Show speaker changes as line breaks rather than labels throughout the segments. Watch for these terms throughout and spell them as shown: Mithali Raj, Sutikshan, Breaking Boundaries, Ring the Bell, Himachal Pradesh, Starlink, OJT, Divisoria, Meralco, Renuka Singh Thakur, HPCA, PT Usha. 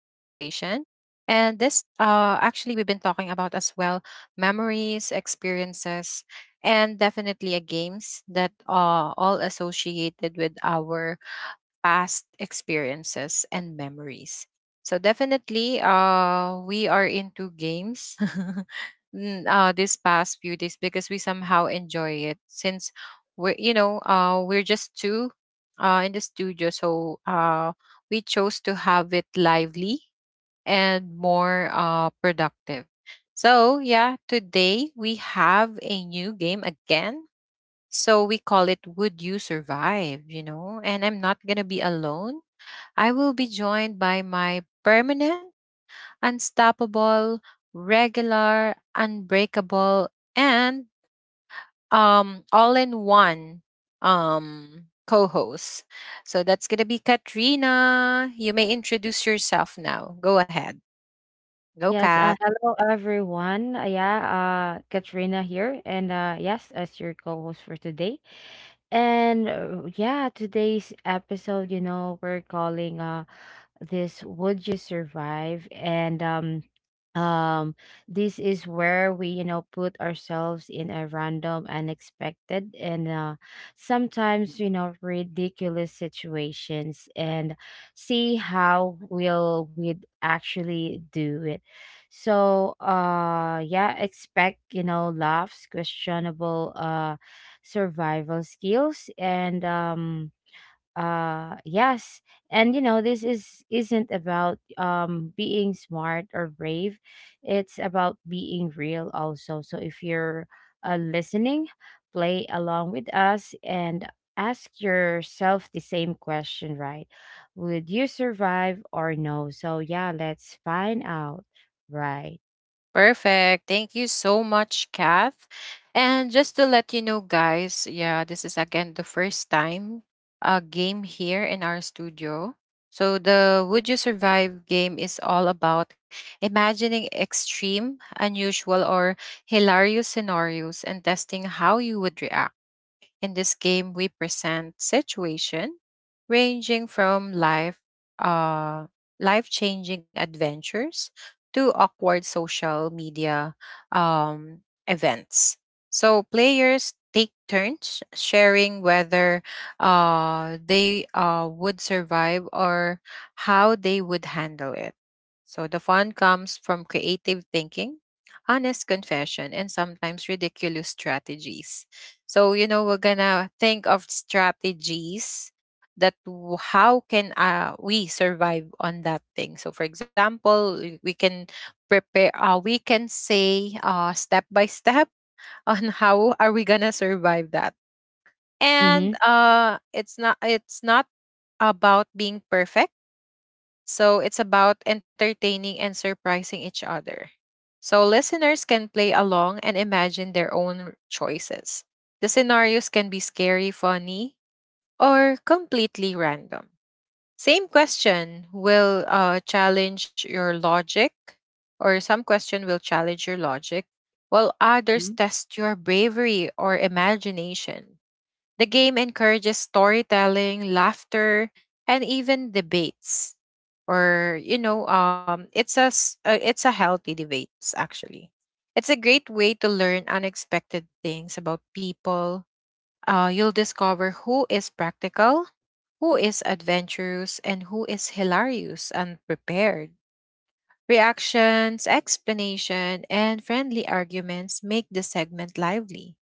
And this, actually, we've been talking about as well memories, experiences, and definitely a games that are all associated with our past experiences and memories. So definitely, we are into games this past few days because we somehow enjoy it since we're you know we're just two in the studio, so we chose to have it lively and more productive. So yeah, today we have a new game again, so we call it Would You Survive? You know, and I'm not going to be alone. I will be joined by my permanent, unstoppable, regular, unbreakable, and all in one co host. So that's going to be Katrina. You may introduce yourself now. Go ahead. Go,
Yes,
Kat.
hello everyone. Yeah, Katrina here, and yes, as your co-host for today. And yeah, today's episode, you know, we're calling this Would You Survive? And um this is where we, you know, put ourselves in a random, unexpected, and sometimes, you know, ridiculous situations, and see how we'd actually do it. So yeah, expect, you know, laughs, questionable survival skills, and yes. And you know, this is isn't about being smart or brave, it's about being real also. So if you're listening, play along with us and ask yourself the same question, right? Would you survive or no? So yeah, let's find out, right?
Perfect. Thank you so much, Kath. And just to let you know, guys, yeah, this is again the first time a game here in our studio. So the Would You Survive game is all about imagining extreme, unusual, or hilarious scenarios and testing how you would react. In this game, we present situation ranging from uh, life-changing adventures to awkward social media events. So players take turns sharing whether they would survive or how they would handle it. So the fun comes from creative thinking, honest confession, and sometimes ridiculous strategies. So, you know, we're gonna think of strategies that how can we survive on that thing. So, for example, we can prepare, we can say step by step on how are we gonna survive that. And
Mm-hmm.
it's not about being perfect. So it's about entertaining and surprising each other. So listeners can play along and imagine their own choices. The scenarios can be scary, funny, or completely random. Same question will challenge your logic, or some question will challenge your logic, while others
Mhm.
test your bravery or imagination. The game encourages storytelling, laughter, and even debates. Or you know, it's a healthy debates actually. It's a great way to learn unexpected things about people. You'll discover who is practical, who is adventurous, and who is hilarious and prepared. Reactions, explanation, and friendly arguments make the segment lively.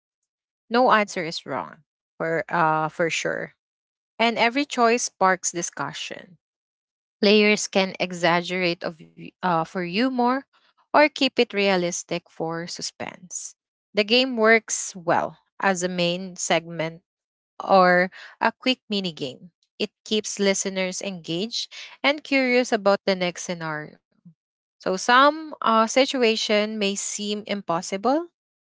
No answer is wrong for sure, and every choice sparks discussion. Players can exaggerate for humor or keep it realistic for suspense. The game works well as a main segment or a quick mini game. It keeps listeners engaged and curious about the next scenario. So some situation may seem impossible,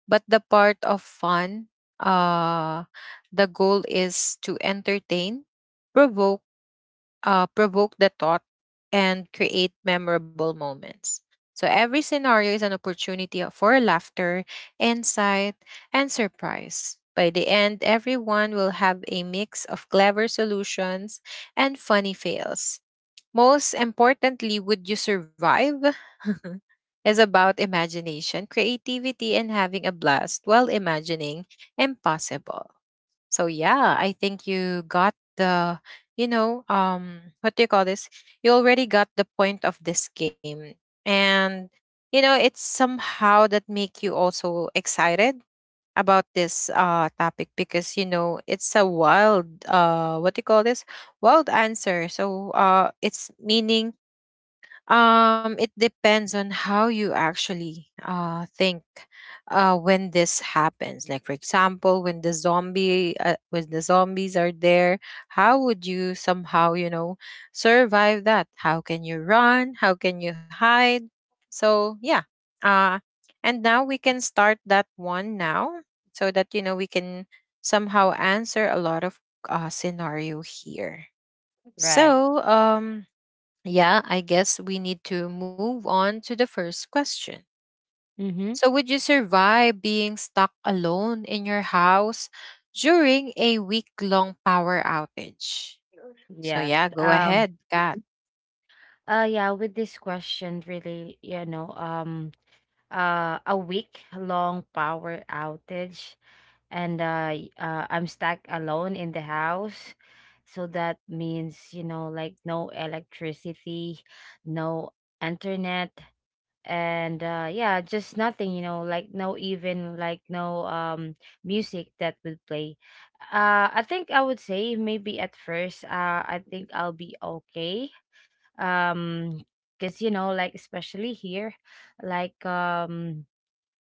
but the part of fun, uh, the goal is to entertain, provoke provoke the thought, and create memorable moments. So every scenario is an opportunity for laughter, insight, and surprise. By the end, everyone will have a mix of clever solutions and funny fails. Most importantly, would you survive? is about imagination, creativity, and having a blast while imagining impossible. So yeah, I think you got the, what do you call this? You already got the point of this game, and you know it's somehow that make you also excited about this topic, because you know it's a wild, what do you call this, wild answer. So it's meaning, it depends on how you actually think when this happens. Like for example, when the zombies are there, how would you somehow, you know, survive that? How can you run? How can you hide? So, yeah. Uh and now we can start that one now, so that you know we can somehow answer a lot of scenario here.
Right.
So, yeah, I guess we need to move on to the first question.
Mm-hmm.
So, would you survive being stuck alone in your house during a week long power outage? So,
Yes.
yeah, go ahead, Kat.
Yeah, with this question, really, you know, a week long power outage, and I'm stuck alone in the house. So that means, you know, like no electricity, no internet, and yeah, just nothing, you know, like no, even like no music that would play. I think I would say maybe at first, I think I'll be okay, um because you know, like especially here, like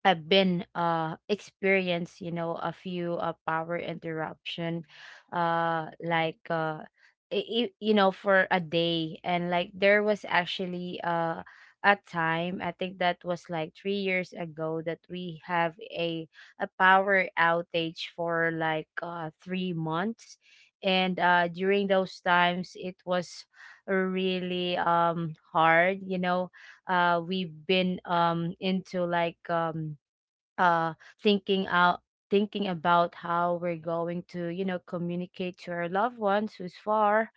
I've been experienced, you know, a few power interruption, uh like uh you know, for a day. And like there was actually a time, I think that was like 3 years ago, that we have a power outage for like 3 months. And during those times it was really hard, you know. We've been into uh thinking out thinking about how we're going to, you know, communicate to our loved ones who's far.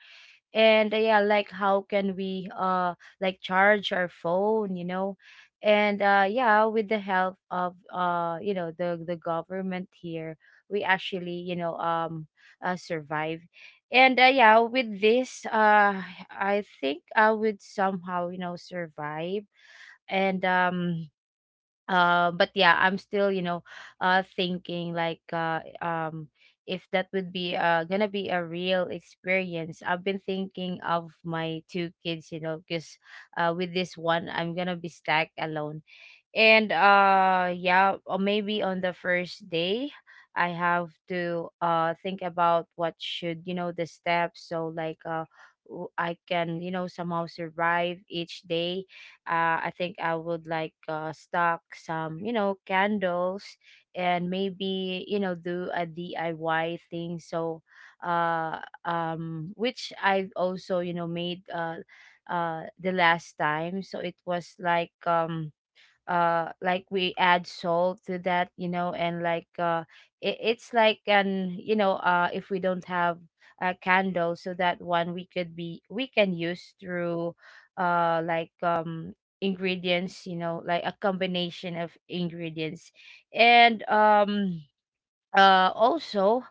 And yeah, like how can we like charge our phone, you know. And yeah, with the help of you know, the government here, we actually, you know, survive. And yeah, with this I think I would somehow, you know, survive. And but yeah, I'm still, you know, thinking like if that would be gonna be a real experience. I've been thinking of my two kids, you know, because with this one I'm gonna be stuck alone. And yeah, or maybe on the first day I have to think about what should, you know, the steps, so like I can, you know, somehow survive each day. Uh, I think I would like stock some, you know, candles, and maybe, you know, do a DIY thing. So which I've also, you know, made the last time. So it was like we add salt to that, you know, and like it, it's like an, you know, if we don't have a candle, so that one we could be we can use through uh like um ingredients, you know, like a combination of ingredients. And also,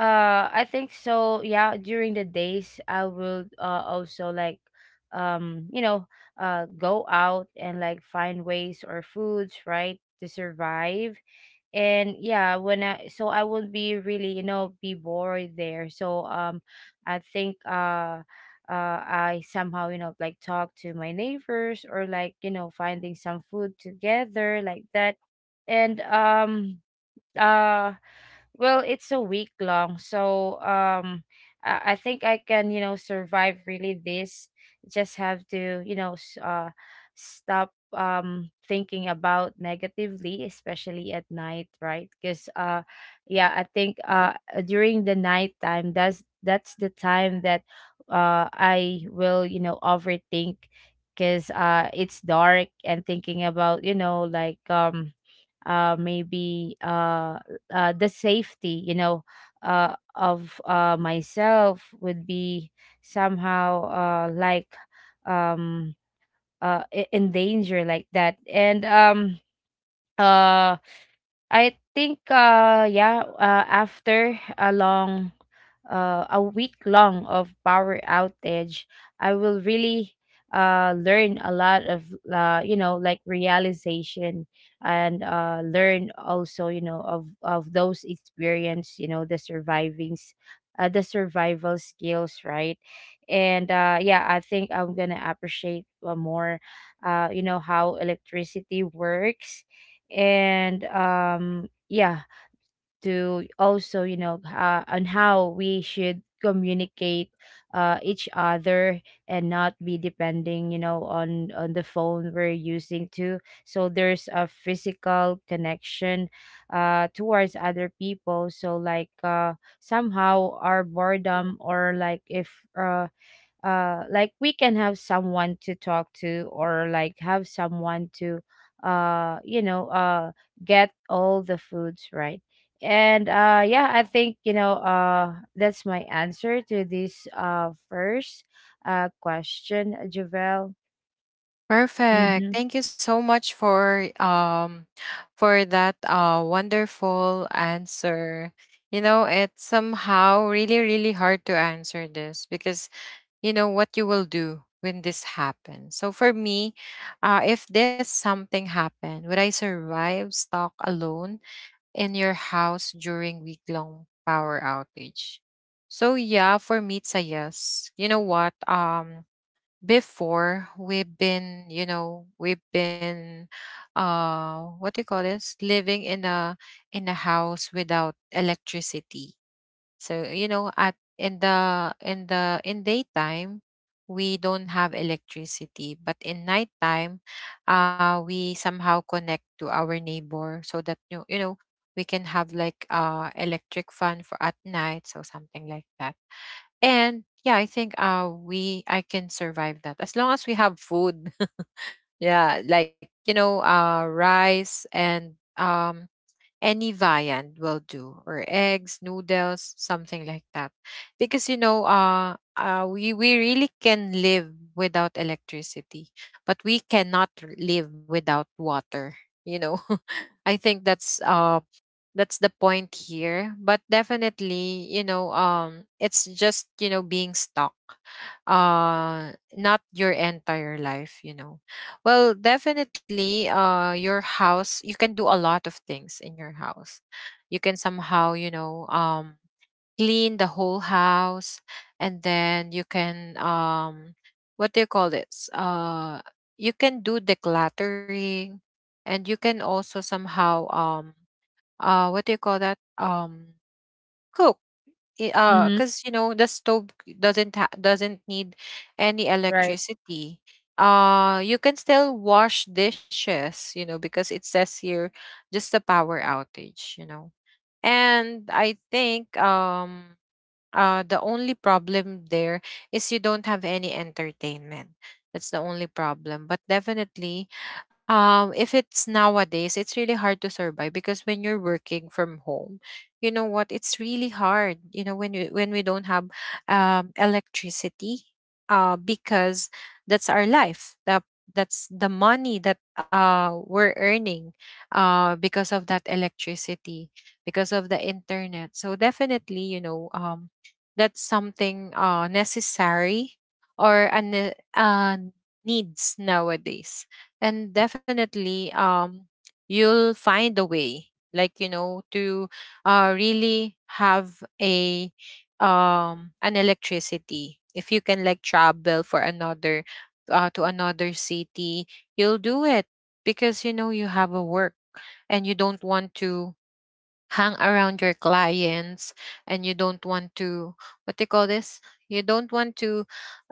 I think. So yeah, during the days I will also like you know, go out and like find ways or foods, right, to survive. And yeah, when I would be really, you know, be bored there. So I think I somehow, you know, like talk to my neighbors or like, you know, finding some food together, like that. And uh well, it's a week long, so I think I can, you know, survive really this. Just have to, you know, stop thinking about negatively, especially at night, right? Because yeah, I think during the night time, that's the time that I will, you know, overthink, because it's dark, and thinking about, you know, maybe the safety, you know, of myself would be somehow like um, in danger, like that. And um, uh, I think yeah, after a long, a week long of power outage, I will really learn a lot of you know, like realization, and learn also, you know, of those experience, you know, the survivings, the survival skills, right? And yeah, I think I'm gonna appreciate more you know, how electricity works. And yeah, to also, you know, on how we should communicate each other, and not be depending, you know, on the phone we're using to. So there's a physical connection towards other people. So like somehow our boredom, or like if like we can have someone to talk to, or like have someone to you know, get all the foods, right? And yeah, I think, you know, that's my answer to this first question, Javel.
Perfect.
Mm-hmm.
Thank you so much for that wonderful answer. You know, it's somehow really, really hard to answer this, because you know what you will do when this happens. So for me, if this something happened, would I survive stuck alone in your house during week long power outage? So yeah, for me it's a yes. You know what, before we've been, you know, we've been what do you call this, living in a house without electricity. So, you know, at in the in the in daytime, we don't have electricity, but in nighttime, we somehow connect to our neighbor, so that you know we can have like electric fan for at night, so something like that. And yeah, I think we I can survive that as long as we have food. Yeah, like you know, rice and any viand will do, or eggs, noodles, something like that, because you know, we really can live without electricity, but we cannot live without water, you know. I think that's the point here. But definitely, you know, it's just, you know, being stuck, not your entire life, you know. Well definitely, your house, you can do a lot of things in your house. You can somehow, you know, clean the whole house, and then you can, what do you call this, you can do decluttering. And you can also somehow, what do you call that, cook.
Mm-hmm.
Because you know the stove doesn't need any
Right.
electricity. You can still wash dishes, you know, because it says here just a power outage, you know. And I think, the only problem there is you don't have any entertainment. That's the only problem. But definitely, if it's nowadays, it's really hard to survive, because when you're working from home, you know what? It's really hard. You know, when you when we don't have electricity, because that's our life. That's the money that we're earning, because of that electricity, because of the internet. So definitely, you know, that's something necessary, or needs nowadays. And definitely, you'll find a way, like you know, to really have a an electricity, if you can like travel for another to another city. You'll do it because you know you have a work, and you don't want to hang around your clients, and you don't want to, what do you call this, you don't want to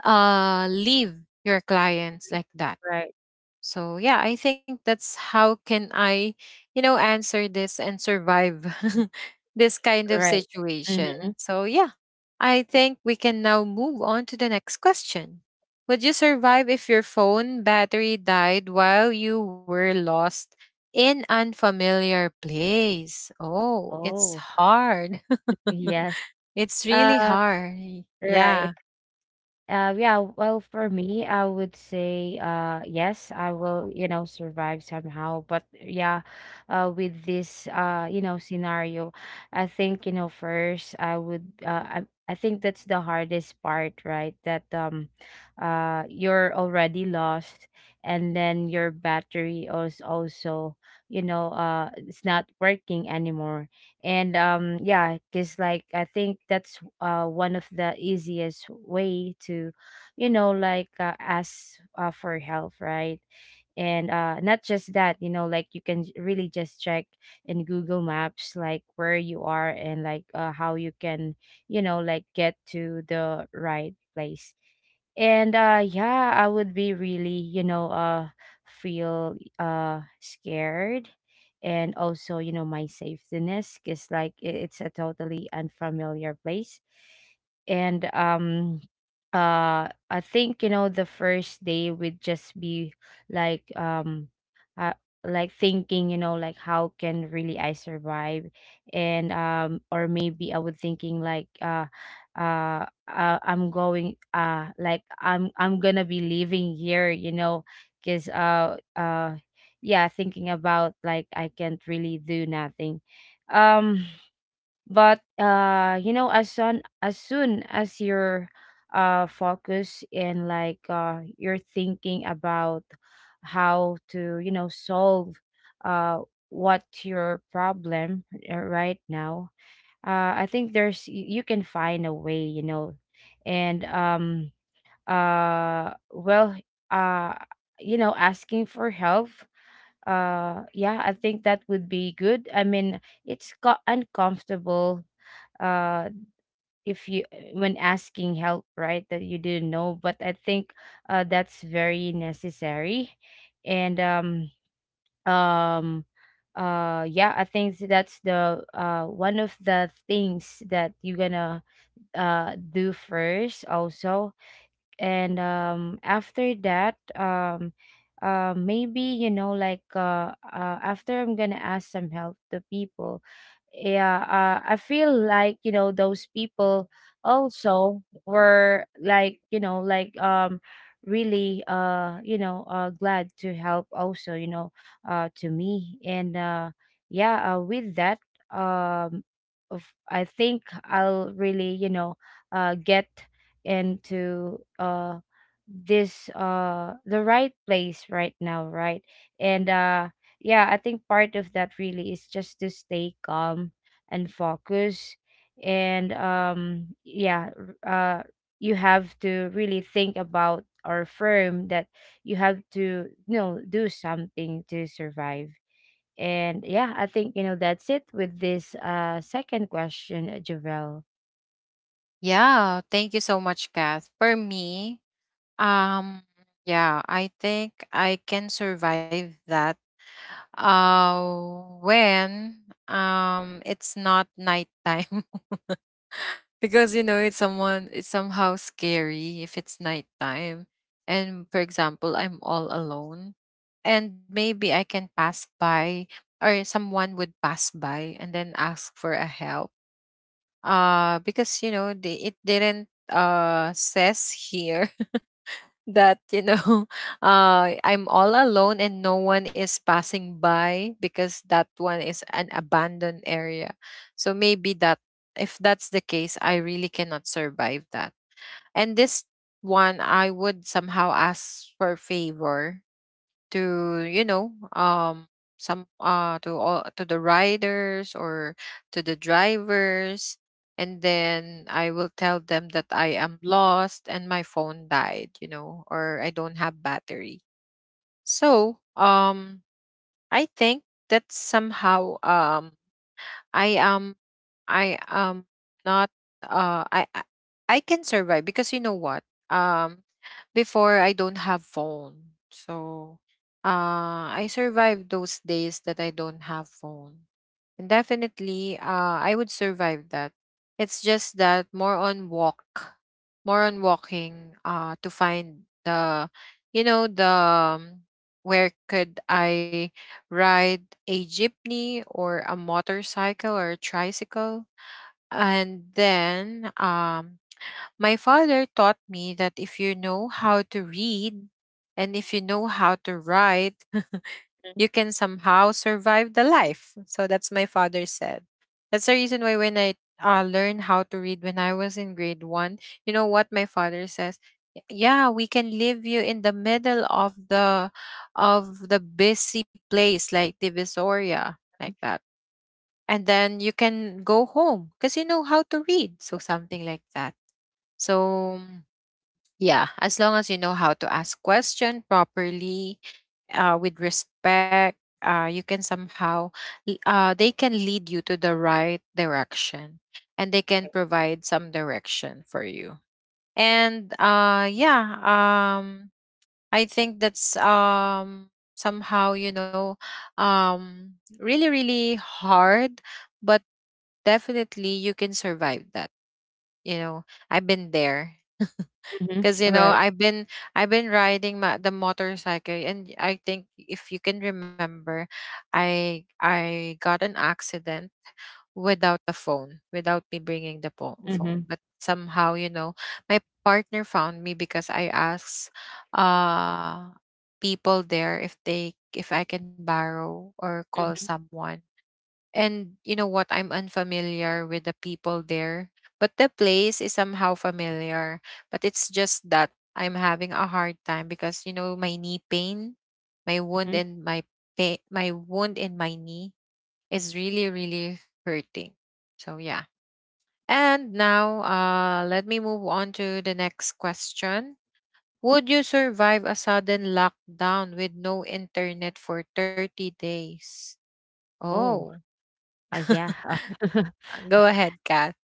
leave your clients like that.
Right.
So yeah, I think that's how can I, you know, answer this and survive this kind of
Right. Mm-hmm.
situation. So yeah, I think we can now move on to the next question. Would you survive if your phone battery died while you were lost in unfamiliar place? Oh, it's
Oh.
hard.
Yes.
It's really
uh
hard. Yeah.
right. Yeah, well, for me, I would say, yes, I will, you know, survive somehow. But yeah, with this, you know, scenario, I think, you know, first I would, I think that's the hardest part, right? That you're already lost, and then your battery is also, you know, it's not working anymore. And yeah, because like I think that's one of the easiest way to, you know, like ask for help, right? And not just that, you know, like you can really just check in Google Maps, like where you are, and like how you can, you know, like get to the right place. And yeah, I would be really, you know, feel scared, and also, you know, my safetyness is like, it's a totally unfamiliar place. And I think, you know, the first day would just be like um uh, like thinking, you know, like how can really I survive. And or maybe I would thinking like uh I'm going like I'm gonna be leaving here, you know, because yeah, thinking about like I can't really do nothing. Um but you know, as soon as you're focus, and like you're thinking about how to, you know, solve uh what your problem right now, I think there's you can find a way, you know. And well, uh, you know, asking for help. Yeah, I think that would be good. I mean, it's uncomfortable. Uh, if you, when asking help, right, that you didn't know, but I think that's very necessary. And um, um, uh, yeah, I think that's the one of the things that you're gonna do first also. And after that maybe you know like after I'm gonna ask some help to people. Yeah. I feel like, you know, those people also were like, you know, really you know, glad to help also, you know, to me. And yeah, with that, um I think I'll really, you know, get into this, the right place right now, right? And yeah, I think part of that really is just to stay calm and focus. And yeah, r- uh you have to really think about, or firm, that you have to, you know, do something to survive. And yeah, I think, you know, that's it with this second question, Javel.
Yeah, thank you so much, Kath. For me, Um, yeah, I think I can survive that. When it's not nighttime, because you know it's somehow scary if it's nighttime. And for example, I'm all alone, and maybe I can pass by, or someone would pass by, and then ask for a help. Because you know it didn't says here that, you know, I'm all alone and no one is passing by, because that one is an abandoned area. So maybe that, if that's the case, I really cannot survive that. And this one, I would somehow ask for favor to, you know, some, to all, to the riders or to the drivers. And then I will tell them that I am lost and my phone died, you know, or I don't have battery. So I think that somehow, I am I am not I I can survive, because you know what? Before, I don't have phone. So, I survived those days that I don't have phone. And definitely, I would survive that. It's just that more on walk, more on walking to find the, you know, the where could I ride a jeepney or a motorcycle or a tricycle. And then, my father taught me that if you know how to read and if you know how to write, you can somehow survive the life. So that's my father said. That's the reason why when I learned how to read when I was in grade one, you know what my father says? "Y- Yeah, we can leave you in the middle of the busy place like Divisoria, like that and then you can go home because you know how to read, so something like that, so yeah, as long as you know how to ask question properly, with respect, you can somehow they can lead you to the right direction and they can provide some direction for you. And I think that's somehow really really hard, but definitely you can survive that. You know, I've been there because
Mm-hmm. Right.
I've been, I've been riding my, the motorcycle, and I think if you can remember, I got an accident without the phone, without me bringing the phone,
Mm-hmm.
but somehow, you know, my partner found me because I asked, uh people there if they if I can borrow or call
Mm-hmm.
someone. And you know what? I'm unfamiliar with the people there, but the place is somehow familiar. But it's just that I'm having a hard time because you know my knee pain, my wound in my knee is really really hurting. So yeah. And now, let me move on to the next question. Would you survive a sudden lockdown with no internet for 30 days?
Oh.
Oh,
Yeah.
go ahead, Kat.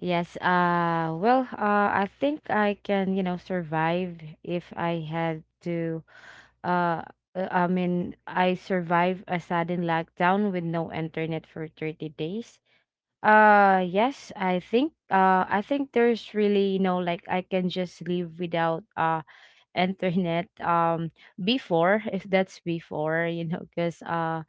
Yes. I think I can, you know, survive if I had to. Uh, I mean, I survived a sudden lockdown with no internet for 30 days. Yes, I think there's really, you know, like I can just live without internet before, if that's before, you know, because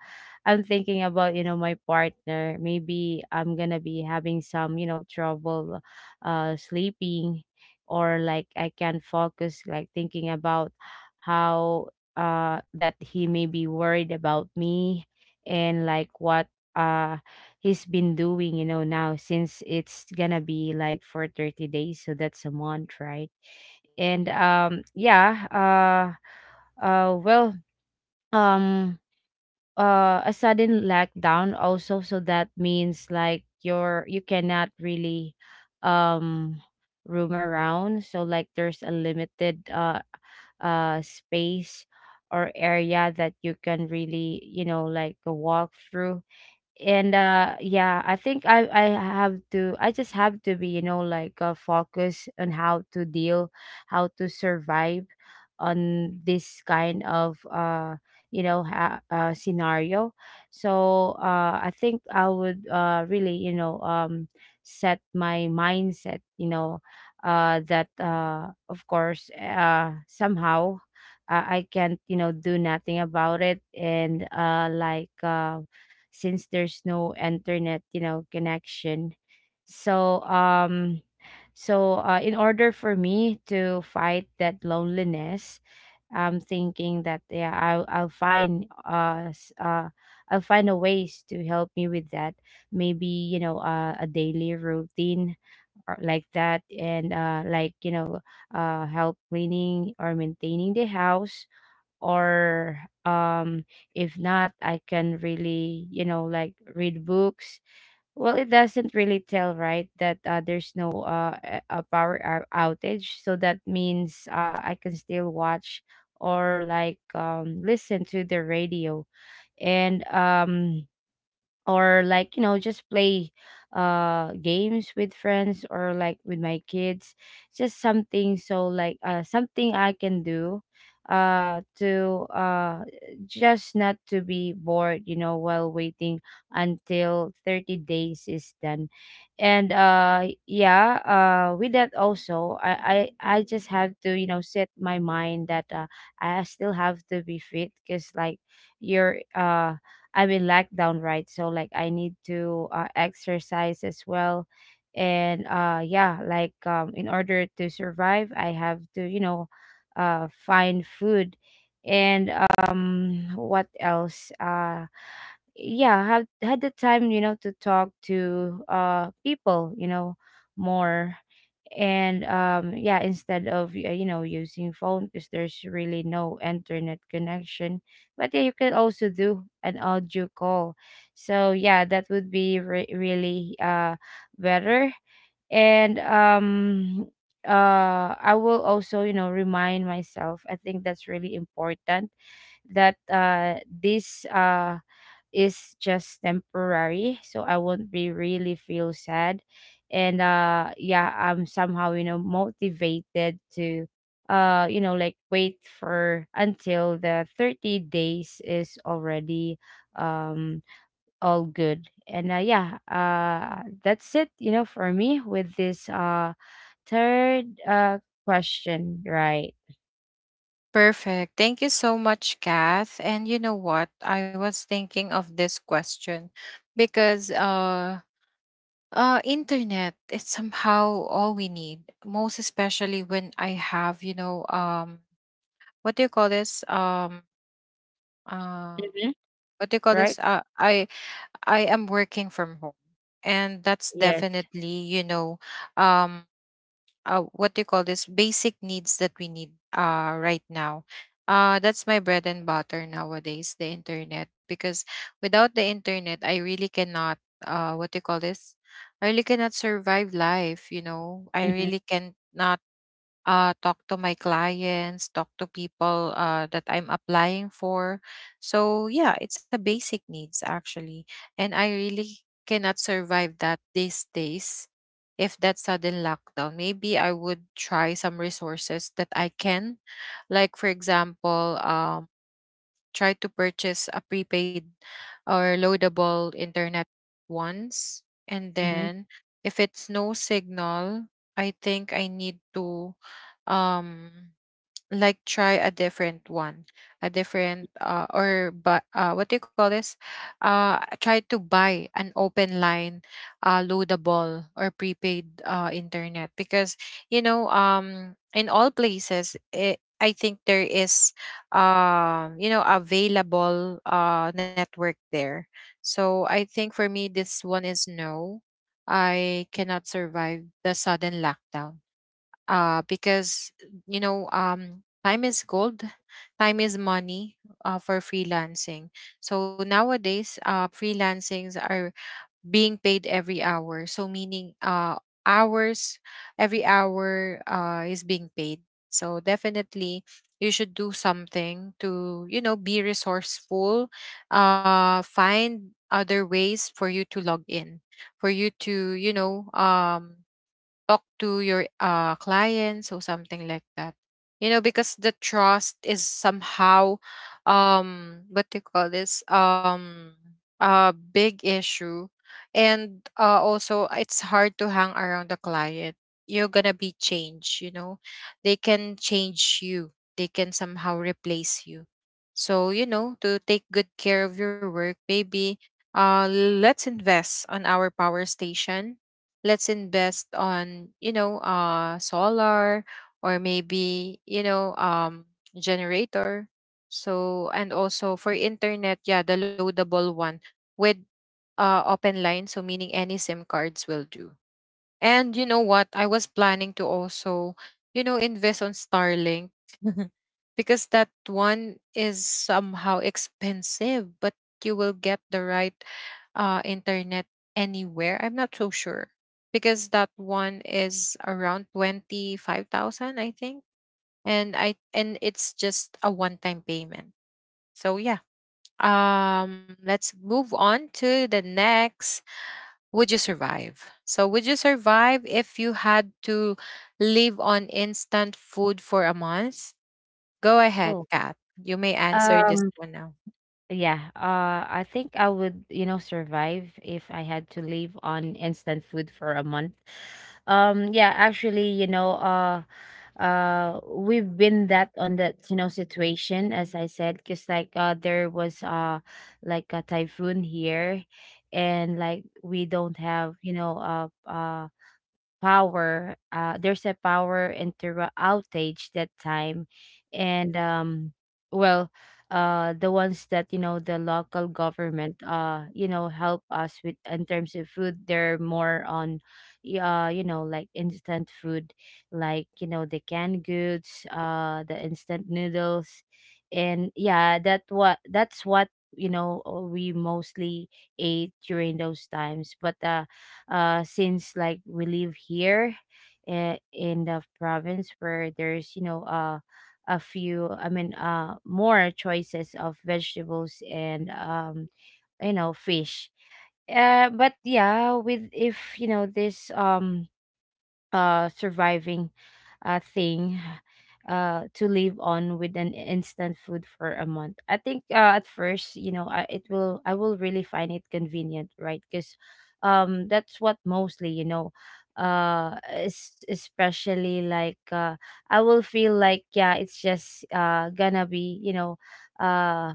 I'm thinking about, you know, my partner, maybe I'm gonna be having some, you know, trouble sleeping, or like I can focus, like thinking about how that he may be worried about me, and like what he's been doing, you know, now since it's gonna be like for 30 days, so that's a month, right? And yeah, well, um a sudden lockdown also, so that means like you're, you cannot really um roam around. So like there's a limited space or area that you can really, you know, like walk through. And yeah, I think I have to I just have to be, you know, like focused on how to deal, how to survive on this kind of scenario. So I think I would really, you know, set my mindset, you know, that of course somehow, I can't, you know, do nothing about it. And since there's no internet, you know, connection. so um in order for me to fight that loneliness, I'm thinking that yeah, I'll find I'll find a ways to help me with that. Maybe, you know, a daily routine or like that. And like, you know, help cleaning or maintaining the house, or um if not, I can really, you know, like read books. Well, it doesn't really tell, right, that there's no a power outage, so that means I can still watch or like, listen to the radio. And or like, you know, just play games with friends or like with my kids. Just something, so like something I can do to just not to be bored, you know, while waiting until 30 days is done. And yeah, with that also I just have to, you know, set my mind that I still have to be fit because like you're I'm in lockdown, right? So like I need to exercise as well. And yeah, like in order to survive, I have to, you know, find food. And what else? Yeah, had had the time, you know, to talk to people, you know, more. And yeah, instead of you know, using phone because there's really no internet connection. But yeah, you can also do an audio call, so yeah, that would be really better. And I will also, you know, remind myself, I think that's really important, that this is just temporary, so I won't be really feel sad. And yeah, I'm somehow, you know, motivated to you know, like wait for until the 30 days is already um all good. And yeah, that's it, you know, for me with this third question, right?
Perfect. Thank you so much, Kath. And you know what? I was thinking of this question because internet is somehow all we need, most especially when I have, you know, what do you call this? Uh
Mm-hmm.
what do you call this?
Right.
I I am working from home. And that's
Yes.
definitely, you know, um what do you call this, basic needs that we need right now. That's my bread and butter nowadays, the internet. Because without the internet, I really cannot, what do you call this? I really cannot survive life. You know, I
Mm-hmm.
really cannot, talk to my clients, talk to people that I'm applying for. So yeah, it's a basic needs actually, and I really cannot survive that these days. If that sudden lockdown, maybe I would try some resources that I can, like for example, tried to purchase a prepaid or loadable internet once. And
Mm-hmm.
then if it's no signal, I think I need to um like try a different one, a different or but what do you call this, try to buy an open line loadable or prepaid internet because you know in all places it, I think there is you know available network there. So I think for me this one is no, I cannot survive the sudden lockdown, because you know time is gold, time is money, for freelancing. So nowadays, freelancings are being paid every hour, so meaning, hours every hour is being paid. So definitely you should do something to you know be resourceful, find other ways for you to log in, for you to you know talk to your clients or something like that, you know, because the trust is somehow what do you call this, a big issue. And also it's hard to hang around the client, you're gonna be changed, you know, they can change you, they can somehow replace you. So you know, to take good care of your work, maybe let's invest on our power station, let's invest on you know solar or maybe you know generator. So and also for internet, yeah, the loadable one with open line, so meaning any sim cards will do. And you know what? I was planning to also, you know, invest on Starlink because that one is somehow expensive, but you will get the right, internet anywhere. I'm not so sure because that one is around 25,000, I think. And I and it's just a one-time payment. So yeah. Um, let's move on to the next. Would you survive? So, would you survive if you had to live on instant food for a month? Go ahead,
Oh.
Kat. You may answer this
um
one now.
Yeah, I think I would, you know, survive if I had to live on instant food for a month. Yeah, actually, you know, we've been that on that, you know, situation, as I said, because like, there was, like a typhoon here, and like we don't have, you know, power, there's a power outage that time. And well, the ones that, you know, the local government, you know, help us with in terms of food, they're more on you know, like instant food, like, you know, the canned goods, the instant noodles. And yeah, that's what, you know, we mostly ate during those times. But since like we live here in the province, where there's, you know, a few, I mean more choices of vegetables and you know, fish. But yeah, with if you know this surviving thing, to live on with an instant food for a month, I think at first, you know, I, it will, I will really find it convenient, right? Because that's what mostly, you know, especially like I will feel like yeah, it's just gonna be, you know, uh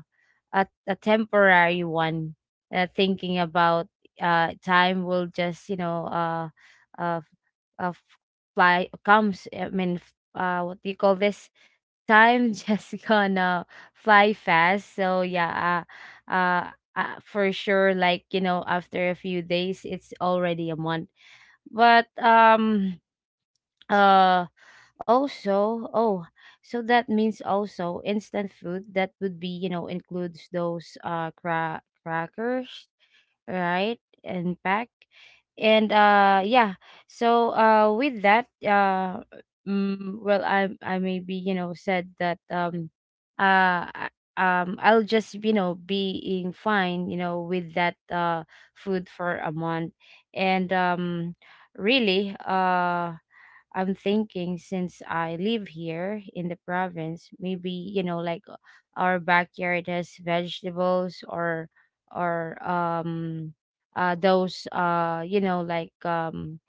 a temporary one. Thinking about time will just, you know, uh, uh fly comes, I mean what do you call this, time just gonna fly fast. So yeah, uh, uh for sure, like, you know, after a few days, it's already a month. But uh also, oh, so that means also instant food, that would be, you know, includes those crackers, right? And pack. And yeah. So with that well, I maybe, you know, said that uh I- I'll just, you know, being fine, you know, with that food for a month. And really, I'm thinking, since I live here in the province, maybe, you know, like our backyard has vegetables, or or um those you know, like, um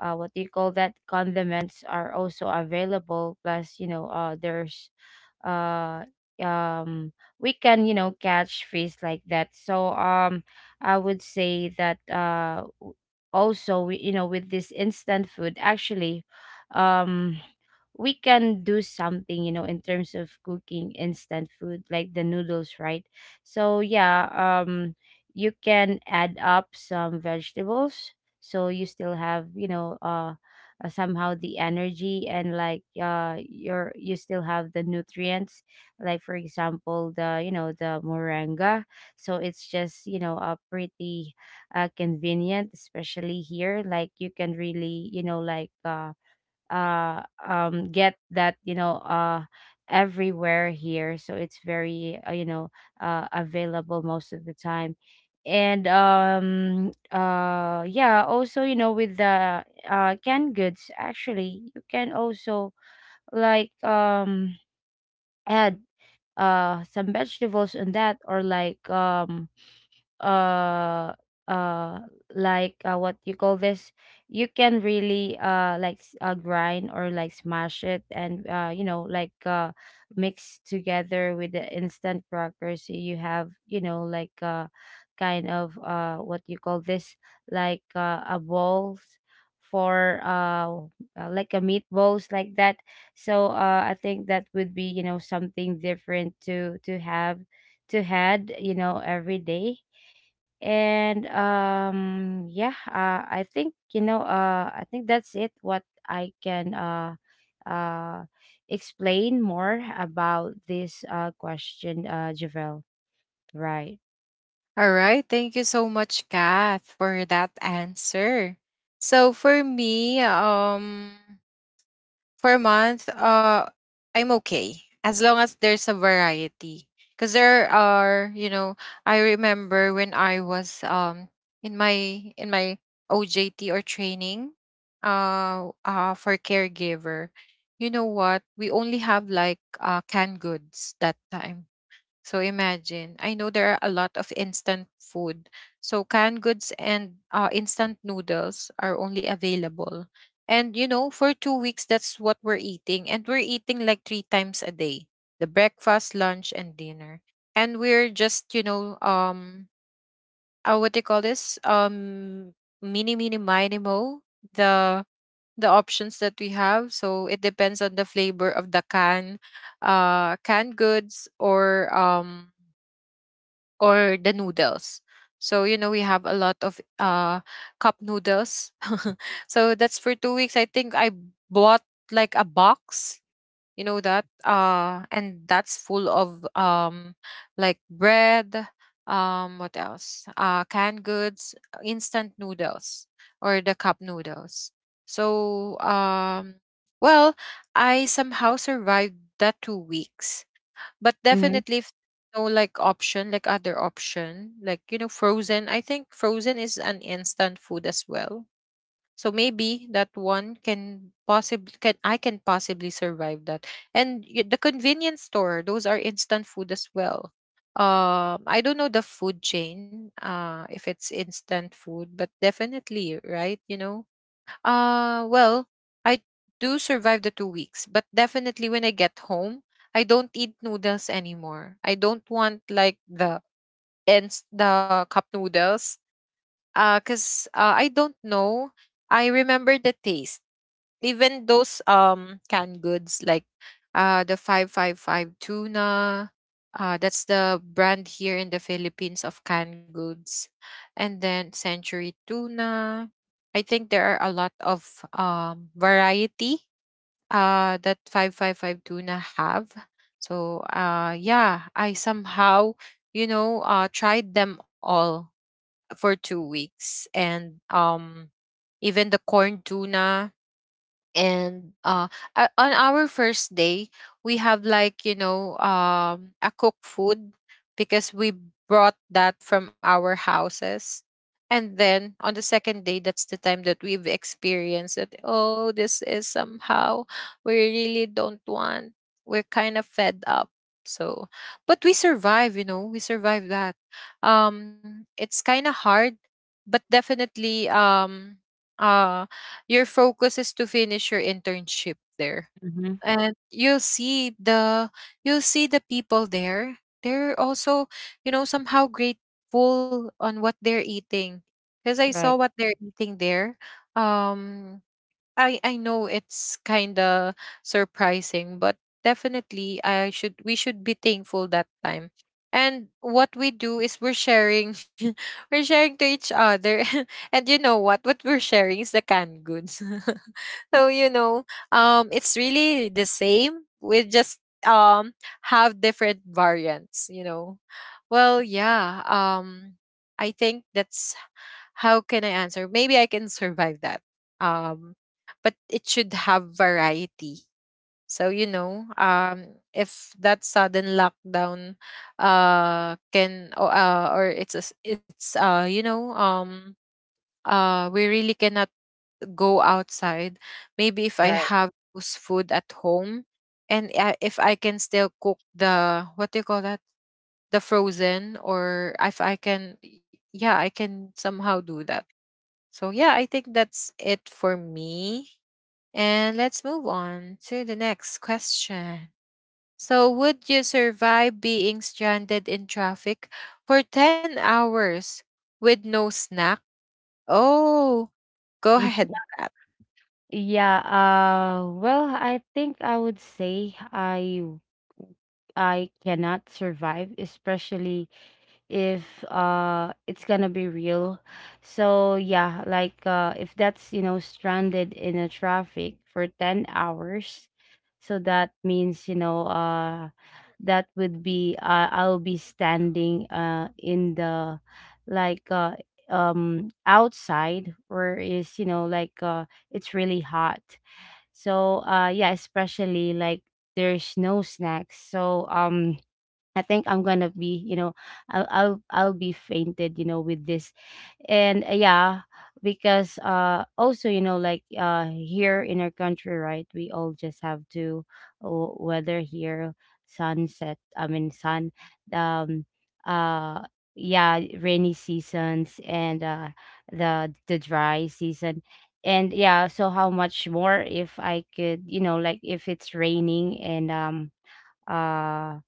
uh what do you call that, condiments are also available. Plus, you know, there's uh um we can, you know, catch fish like that. So I would say that also, we, you know, with this instant food, actually, um we can do something, you know, in terms of cooking instant food, like the noodles, right? So yeah, you can add up some vegetables, so you still have, you know, somehow the energy, and like your you still have the nutrients, like for example, the you know, the moringa. So it's just, you know, a pretty convenient, especially here, like you can really, you know, like get that, you know, everywhere here, so it's very you know, available most of the time. And yeah, also, you know, with the canned goods, actually, you can also, like, add some vegetables on that, or like, uh uh like what you call this, you can really like grind or like smash it, and you know, like mix together with the instant crackers, so you have, you know, like, kind of what you call this, like a balls for like a meatballs like that. So I think that would be, you know, something different to have to had, you know, every day. And yeah, I think, you know, I think that's it, what I can uh explain more about this question, Javel, right?
All right. Thank you so much, Kath, for that answer. So for me, for a month, I'm okay as long as there's a variety. Because there are, you know, I remember when I was in my OJT or training, for caregiver. You know what? We only have like canned goods that time, so imagine, I know there are a lot of instant food. So canned goods and instant noodles are only available. And you know, for 2 weeks, that's what we're eating. And we're eating like three times a day, the breakfast, lunch, and dinner. And we're just, you know, what do you call this? Mini, mini, minimo, the the options that we have, so it depends on the flavor of the can, canned goods or the noodles. So, you know, we have a lot of cup noodles. So that's for 2 weeks. I think I bought like a box, you know that? And that's full of like bread, what else? Uh, canned goods, instant noodles or the cup noodles. So well, I somehow survived that 2 weeks, but
Mm-hmm.
definitely if no like option, like other option, like you know frozen, I think frozen is an instant food as well, so maybe that one can possibly can I can possibly survive that. And y- the convenience store, those are instant food as well. Um, I don't know the food chain if it's instant food, but definitely right, you know, well, I do survive the 2 weeks, but definitely when I get home, I don't eat noodles anymore. I don't want like the cup noodles. Cause I don't know. I remember the taste, even those canned goods like the 555 tuna, that's the brand here in the Philippines of canned goods, and then century tuna. I think there are a lot of variety that 555 tuna have. So yeah, I somehow you know tried them all for 2 weeks, and even the corn tuna. And on our first day, we have like you know a cooked food because we brought that from our houses. And then on the second day, that's the time that we've experienced that, oh, this is somehow, we really don't want, we're kind of fed up. So, but we survive, you know, we survive that. Um, it's kind of hard, but definitely, uh your focus is to finish your internship there.
Mm-hmm.
And you'll see the people there. They're also, you know, somehow grateful on what they're eating. Because I saw
Right.
what they're eating there. Um, I know it's kind of surprising, but definitely I should we should be thankful that time. And what we do is we're sharing we're sharing to each other. And you know what? What we're sharing is the canned goods. So you know, it's really the same. We just um have different variants, you know. Well, yeah. I think that's, how can I answer? Maybe I can survive that. Um, but it should have variety. So you know, if that sudden lockdown can o- or it's a, s- it's you know we really cannot go outside. Maybe if I
Right.
have those food at home, and if I can still cook the, what do you call that, the frozen, or if I can, yeah, I can somehow do that. So, yeah, I think that's it for me. And let's move on to the next question. So, would you survive being stranded in traffic for 10 hours with no snack? Oh,
Mm,
go ahead, Pat.
yeah, well, I think I would say I cannot survive, especially if it's gonna be real. So yeah, like if that's, you know, stranded in a traffic for 10 hours, so that means, you know, that would be I'll be standing in the like outside, where is, you know, like it's really hot. So yeah, especially like there's no snacks. So I think I'm gonna be, you know, I'll be fainted, you know, with this. And yeah, because also, you know, like here in our country, right? We all just have to, oh, weather here, sunset, I mean sun, um, uh, yeah, rainy seasons, and the dry season. And yeah. So how much more if I could, you know, like if it's raining, and uh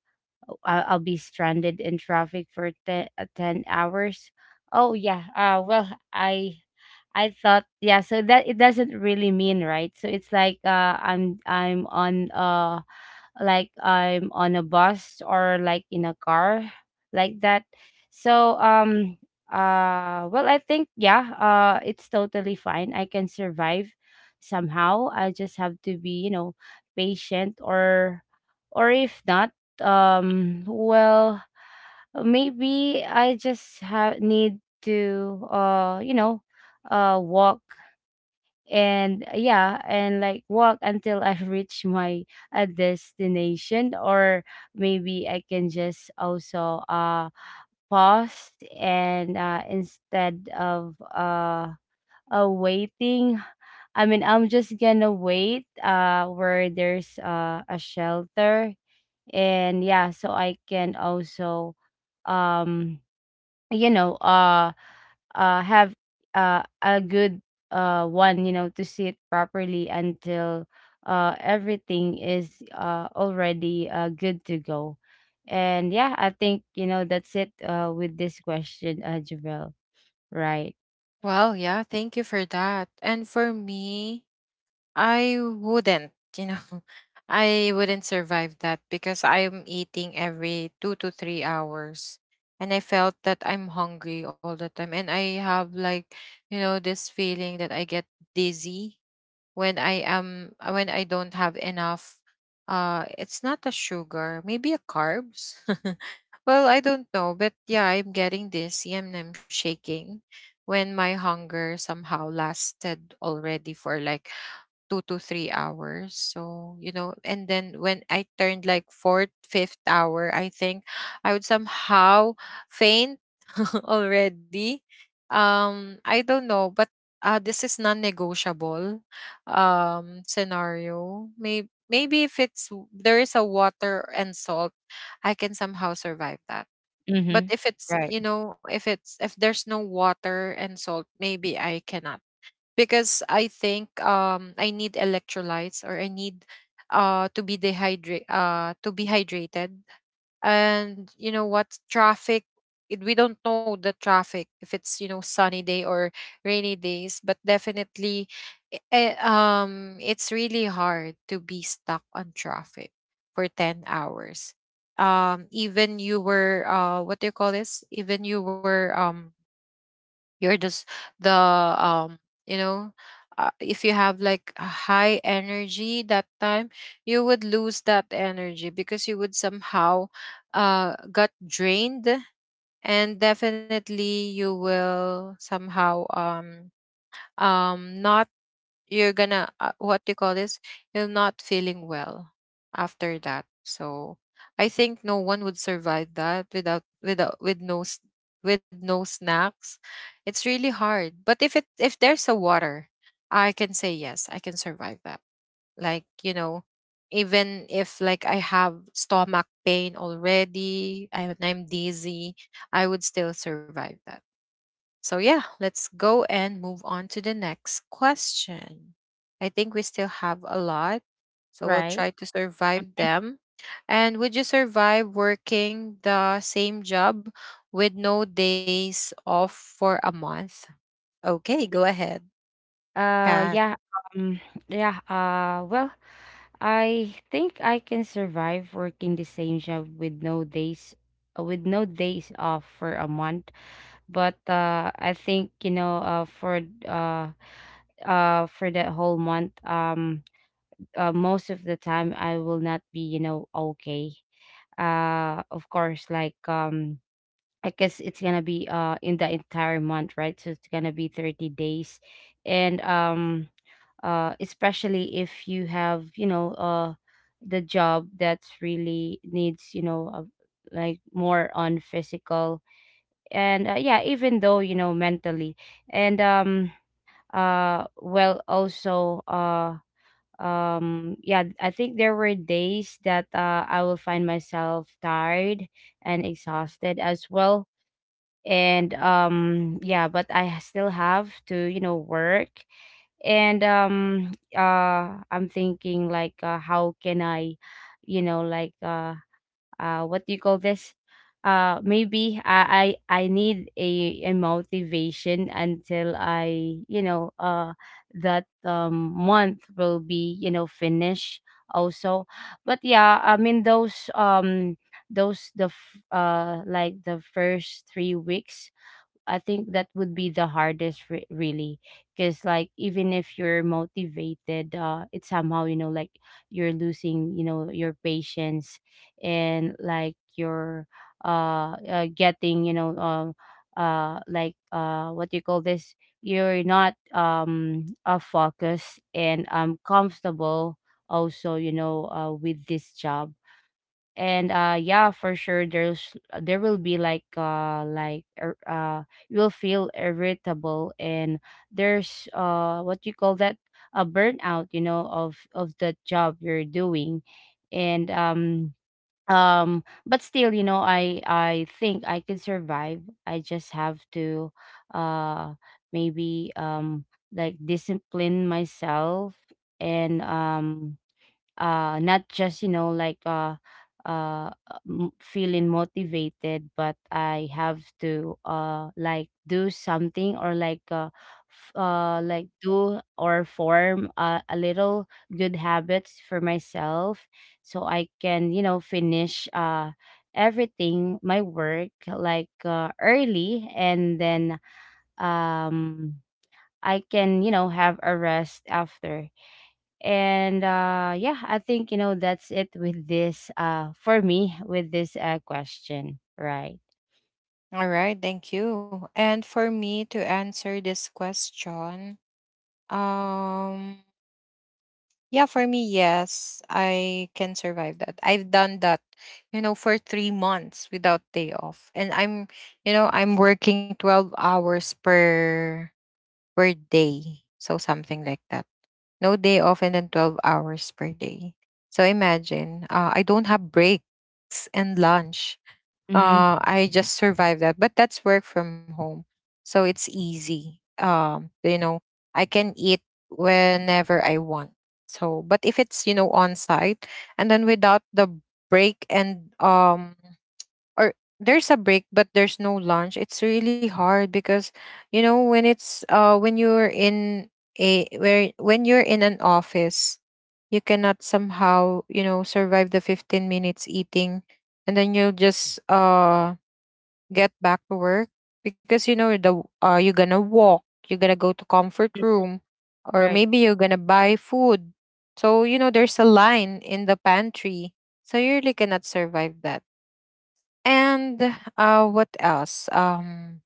I'll be stranded in traffic for 10 hours. Oh yeah. Well, I thought yeah, so that it doesn't really mean, right? So it's like I'm on like I'm on a bus, or like in a car like that. So well, I think yeah, it's totally fine. I can survive somehow. I just have to be, you know, patient. Or if not, well, maybe I just have need to you know, walk. And yeah, and like walk until I reach my destination. Or maybe I can just also pause, and instead of waiting, I mean, I'm just gonna wait where there's a shelter. And yeah, so I can also um you know, have a good one, you know, to see it properly until everything is already good to go. And yeah, I think, you know, that's it with this question, Javel, right?
Well, yeah, thank you for that. And for me, I wouldn't, you know, I wouldn't survive that because I'm eating every 2 to 3 hours. And I felt that I'm hungry all the time. And I have like, you know, this feeling that I get dizzy when I am, when I don't have enough, it's not a sugar, maybe a carbs. Well, I don't know, but yeah, I'm getting dizzy and I'm shaking when my hunger somehow lasted already for like 2 to 3 hours. So, you know, and then when I turned like fourth, fifth hour, I think I would somehow faint already. I don't know, but this is non-negotiable scenario. Maybe if there is a water and salt, I can somehow survive that. But
Mm-hmm.
if it's
Right.
you know if it's if there's no water and salt, maybe I cannot, because I think I need electrolytes or I need to be hydrated. And you know what, traffic we don't know the traffic, if it's sunny day or rainy days, but definitely it's really hard to be stuck on traffic for 10 hours. Even you were what do you call this, even you were you're just the um you know if you have like a high energy that time, you would lose that energy because you would somehow got drained. And definitely you will somehow not, you're gonna what do you call this, you're not feeling well after that. So I think no one would survive that without with no snacks. It's really hard. But if it if there's a water, I can say yes, I can survive that. like you know Even if I have stomach pain already, and I'm dizzy, I would still survive that. So, yeah, let's go and move on to the next question. I think we still have a lot, so we'll
Right.
try to survive them. And would you survive working the same job with no days off for a month? Okay, go ahead, Kat.
Yeah, um, yeah, well, I think I can survive working the same job with no days off for a month. But I think, you know, for that whole month, most of the time I will not be, you know, okay. Of course, like, I guess it's gonna be in the entire month, right? So it's gonna be 30 days. And especially if you have the job that's really needs like more on physical, and yeah, even though mentally, and well also yeah, I think there were days that I will find myself tired and exhausted as well. And yeah, but I still have to work. And I'm thinking like, how can I you know like uh what do you call this? Maybe I need a motivation until I, that month will be finished also. But yeah, I mean those the like the first 3 weeks, I think that would be the hardest, really, because like even if you're motivated, it's somehow like you're losing your patience. And like you're getting, what do you call this, you're not focused and comfortable also, with this job. And yeah, for sure there's there will be like you will feel irritable. And there's what you call that, a burnout, of the job you're doing. And but still, I think I can survive. I just have to uh maybe like discipline myself. And not just, feeling motivated, but I have to like do something, or like like do or form a little good habits for myself, so I can finish everything my work, like early. And then um I can have a rest after. And yeah, I think that's it with this for me with this question, right?
All right, thank you. And for me to answer this question, um yeah, for me, yes, I can survive that. I've done that, you know, for 3 months without day off, and I'm, you know, I'm working 12 hours per day, so something like that. No day off, and then 12 hours per day. So imagine, I don't have breaks and lunch.
Mm-hmm.
I just survived that. But that's work from home, so it's easy. You know, I can eat whenever I want. So, but if it's on site and then without the break and or there's a break but there's no lunch, it's really hard because when it's when you're in a where when you're in an office, you cannot somehow, you know, survive the 15 minutes eating, and then you'll just get back to work, because you know the you're gonna walk, you're gonna go to comfort room, or
Right.
maybe you're gonna buy food. So you know there's a line in the pantry, so you really cannot survive that. And what else?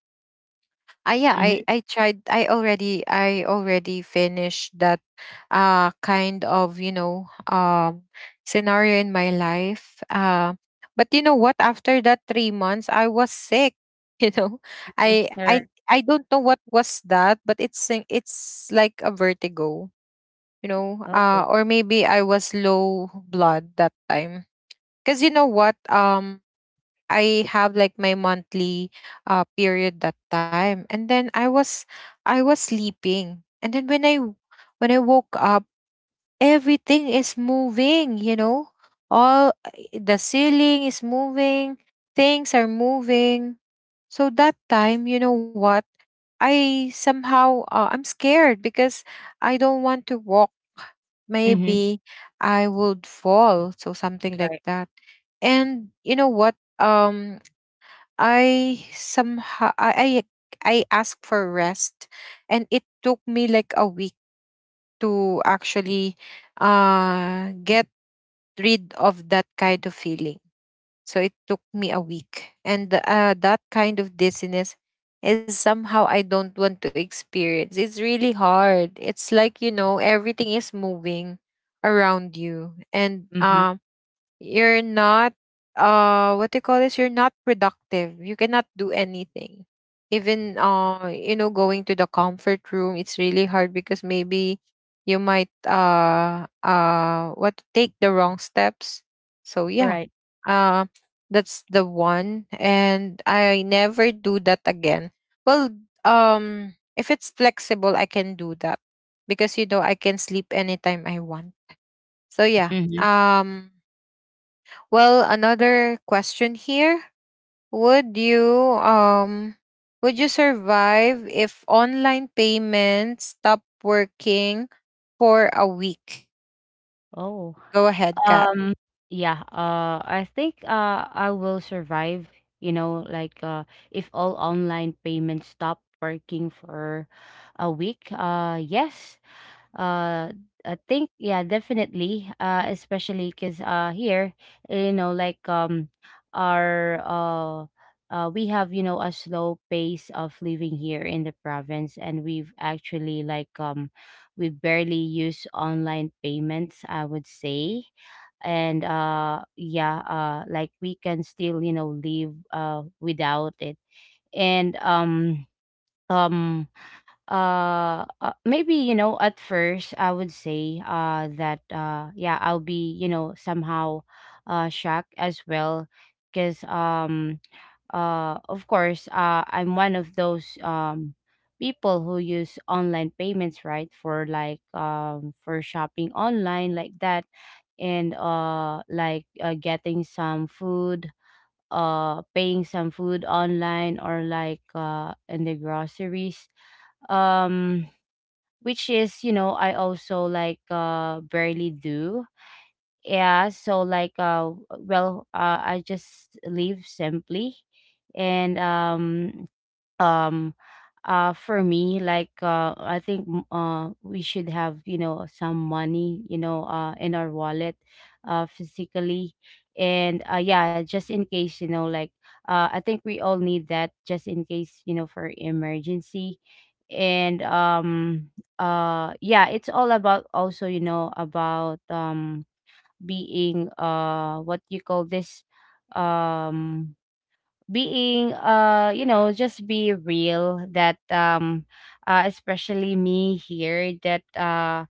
I yeah, I
Mm-hmm.
I tried. I already finished that kind of scenario in my life, but you know what, after that 3 months I was sick you know, i i
Right.
i don't know what was that, but it's it's like a vertigo, you know.
Oh.
Or maybe I was low blood that time, cuz you know what, I have like my monthly period that time, and then I was sleeping, and then when I woke up, everything is moving, you know? All the ceiling is moving, things are moving. So that time, you know what? I somehow I'm scared because I don't want to walk.
Mm-hmm.
Maybe I would fall, so something like
Right.
that. And you know what? I somehow I asked for rest, and it took me like a week to actually get rid of that kind of feeling. So it took me a week. And that kind of dizziness is somehow I don't want to experience. It's really hard. It's like, you know, everything is moving around you. And
Mm-hmm.
you're not what do you call this, you're not productive, you cannot do anything. Even you know, going to the comfort room it's really hard because maybe you might what, take the wrong steps. So yeah.
Right.
uh that's the one, and I never do that again. Well, if it's flexible I can do that, because you know I can sleep anytime I want. So yeah.
Mm-hmm.
Well, another question here. Would you um would you survive if online payments stop working for a week?
Oh.
Go ahead, Kat.
um yeah, I think I will survive, you know like uh if all online payments stop working for a week. Yes. uh I think yeah, definitely, especially because here, you know like um our we have a slow pace of living here in the province, and we've actually like we barely use online payments, I would say. And yeah, like we can still live without it. And um maybe, at first I would say that yeah, I'll be, somehow shocked as well, because of course I'm one of those people who use online payments, right, for like for shopping online like that, and getting some food, paying some food online, or like in the groceries, um which is, I also like barely do. Yeah, so like I just live simply. And um for me like I think, we should have, some money, in our wallet physically. And yeah, just in case, I think we all need that just in case, for emergency. And yeah, it's all about also, about being, what you call this, um being, just be real, that especially me here, that uh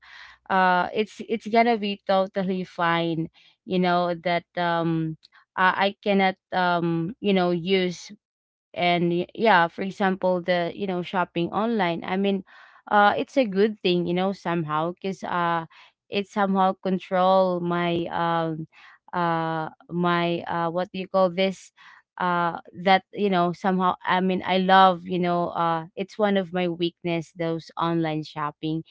uh it's gonna be totally fine. That, I cannot use. And yeah, for example, the, shopping online, I mean, it's a good thing, somehow, because it somehow control my my what do you call this, that, somehow. I mean, I love, it's one of my weakness, those online shopping.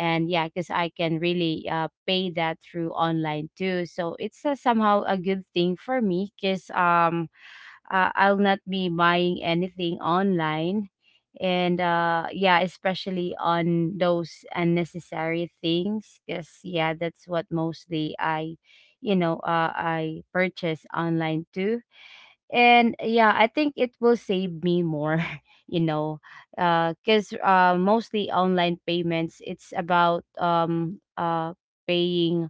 And yeah, because I can really pay that through online too, so it's somehow a good thing for me, because I'll not be buying anything online. And yeah, especially on those unnecessary things, because yeah, that's what mostly I, I purchase online too. And yeah, I think it will save me more you know Because mostly online payments, it's about paying,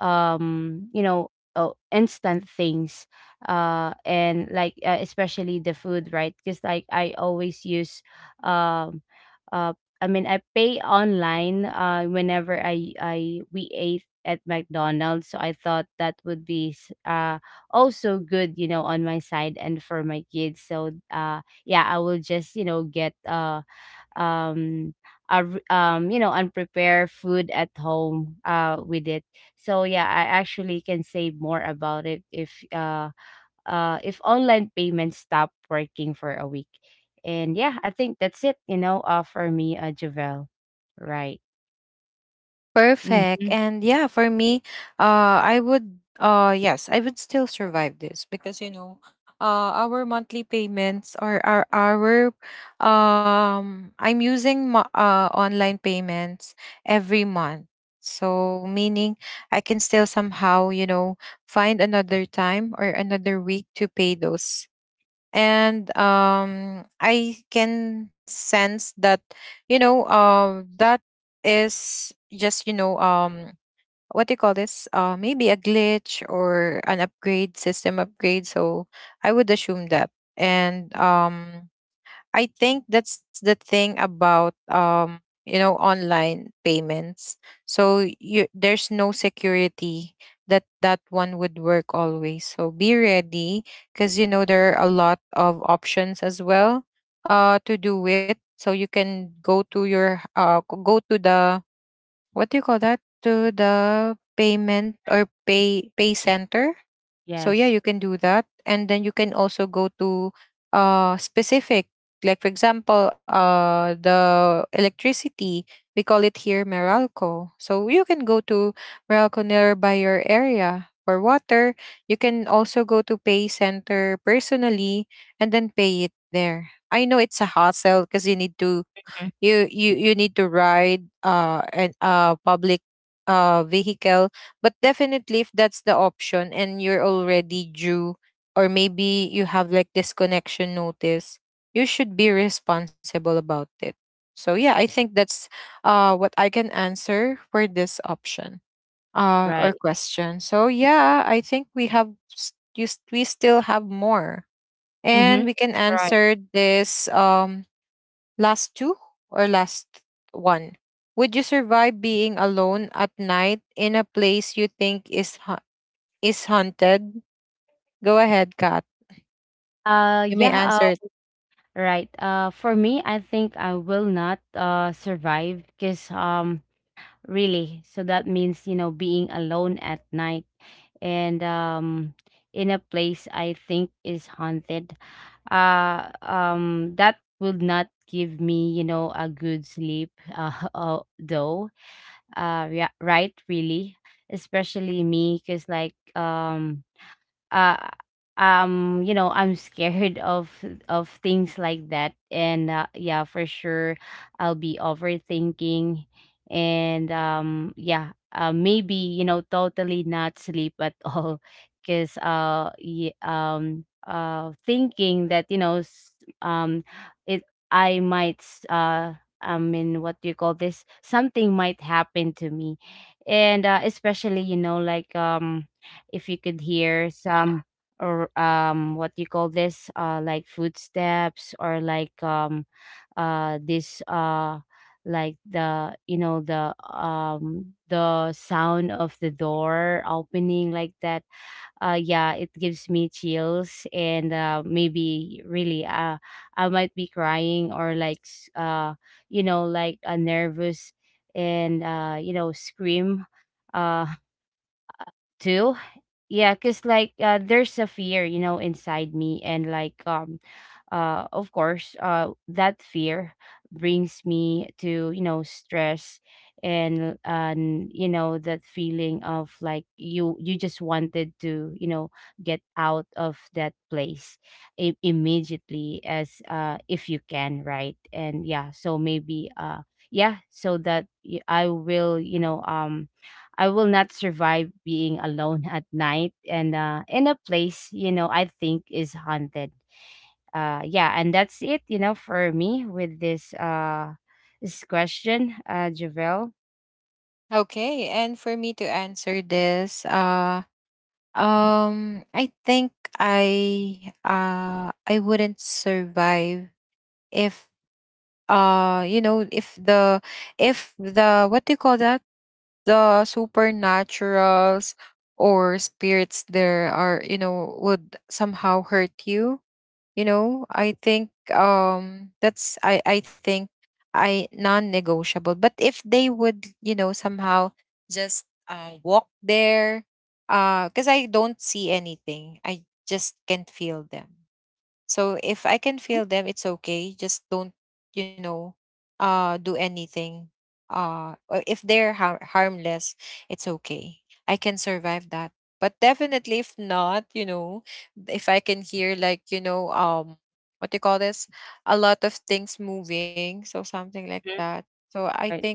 oh, instant things. And like especially the food, right, because like I always use um uh I mean I pay online whenever I we ate at McDonald's, so I thought that would be also good, on my side and for my kids, so yeah, I will just get um a, unprepared food at home with it. So yeah, I actually can say more about it, if online payments stop working for a week. And yeah, I think that's it, for me, Javel, right?
Perfect.
Mm-hmm.
And yeah, for me, I would, yes, I would still survive this because, you know, our monthly payments or I'm using online payments every month. So, meaning I can still somehow, you know, find another time or another week to pay those. And I can sense that, you know, that is just, you know, what do you call this, maybe a glitch or an upgrade, system upgrade. So I would assume that. And I think that's the thing about, you know, online payments. So you, there's no security that that one would work always. So be ready, because you know there are a lot of options as well to do it. So you can go to your go to the what do you call that, to the payment or pay center. So yeah,
Yes.
you can do that. And then you can also go to specific, like for example, the electricity. We call it here Meralco. So you can go to Meralco nearby your area. For water, you can also go to pay center personally and then pay it there. I know it's a hassle, because you need to
Mhm.
you need to ride an public vehicle. But definitely, if that's the option and you're already due, or maybe you have like disconnection notice, you should be responsible about it. So yeah, I think that's what I can answer for this option or
Right.
question. So yeah, I think we have we still have more,
Mm-hmm.
and we can
Right.
answer this. Last two, or last one? Would you survive being alone at night in a place you think is is haunted? Go ahead, Kat. You may
Yeah.
answer it.
Right. For me, I think I will not survive, because really, so that means, being alone at night and in a place I think is haunted. That would not give me a good sleep. Though. Yeah, right. Really, especially me, because like uh I'm scared of things like that. And yeah, for sure I'll be overthinking. And yeah, maybe, totally not sleep at all, because thinking that, um it, i might s- uh I mean, what do you call this, something might happen to me. And especially, if you could hear some, or what you call this, like footsteps, or like this like the, the sound of the door opening like that. Yeah, it gives me chills. And maybe really, I might be crying, or like like a nervous, and scream, uh too. Yeah, because like there's a fear, inside me, and like of course, that fear brings me to, stress. And that feeling of like you just wanted to, get out of that place, immediately, as if you can, right? And yeah, so maybe yeah, so that I will not survive being alone, at night, and in a place, I think is haunted. Yeah, and that's it, for me with this this question, Javel.
Okay, and for me to answer this, um I think I wouldn't survive if you know, if the what do you call that, the supernaturals or spirits there are, you know, would somehow hurt you. You know, I think that's I think, I, non-negotiable. But if they would, you know, somehow just walk there, because I don't see anything, I just can't feel them. So if I can feel them, it's okay. Just don't, you know, do anything. Or if they're harmless, it's okay. I can survive that. But definitely, if not, you know, if I can hear like, you know, what do you call this? A lot of things moving, so something like
Mhm.
that. So I
Right,
think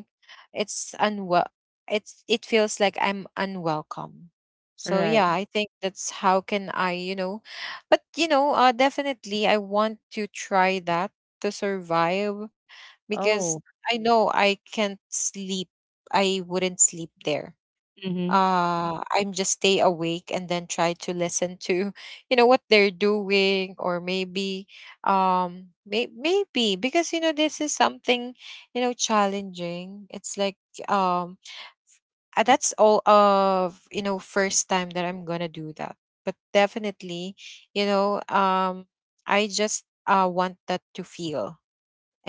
it's unwell. It feels like I'm unwelcome. So
right.
yeah, I think that's how can I, you know, but you know, definitely, I want to try that, to survive, because
Oh,
I know I can't sleep. I wouldn't sleep there.
mm-hmm.
I'm just stay awake and then try to listen to you know, what they're doing, or maybe, maybe because you know this is something, you know, challenging. It's like, um that's all of you know, first time that I'm gonna do that. But definitely, you know, I just want that, to feel.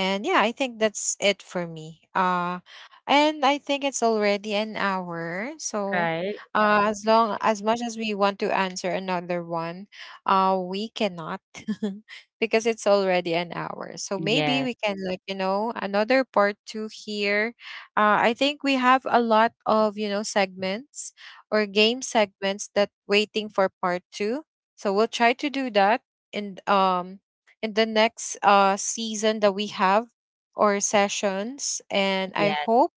And yeah, I think that's it for me. And I think it's already an hour. So
Right.
as long as much as we want to answer another one, we cannot because it's already an hour. So maybe
Yes,
we can like, you know, another part 2 here. I think we have a lot of, you know, segments or game segments that waiting for part 2. So we'll try to do that in um in the next season that we have, or sessions. And I
yes.
hope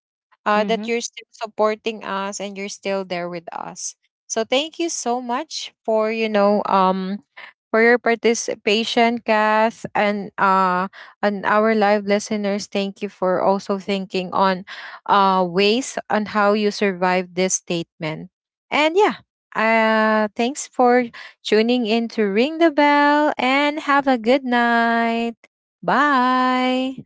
Mm-hmm.
that you're still supporting us and you're still there with us. So thank you so much for, you know, for your participation, Kath, and our live listeners. Thank you for also thinking on ways on how you survive this statement. And yeah, thanks for tuning in to Ring the Bell, and have a good night. Bye.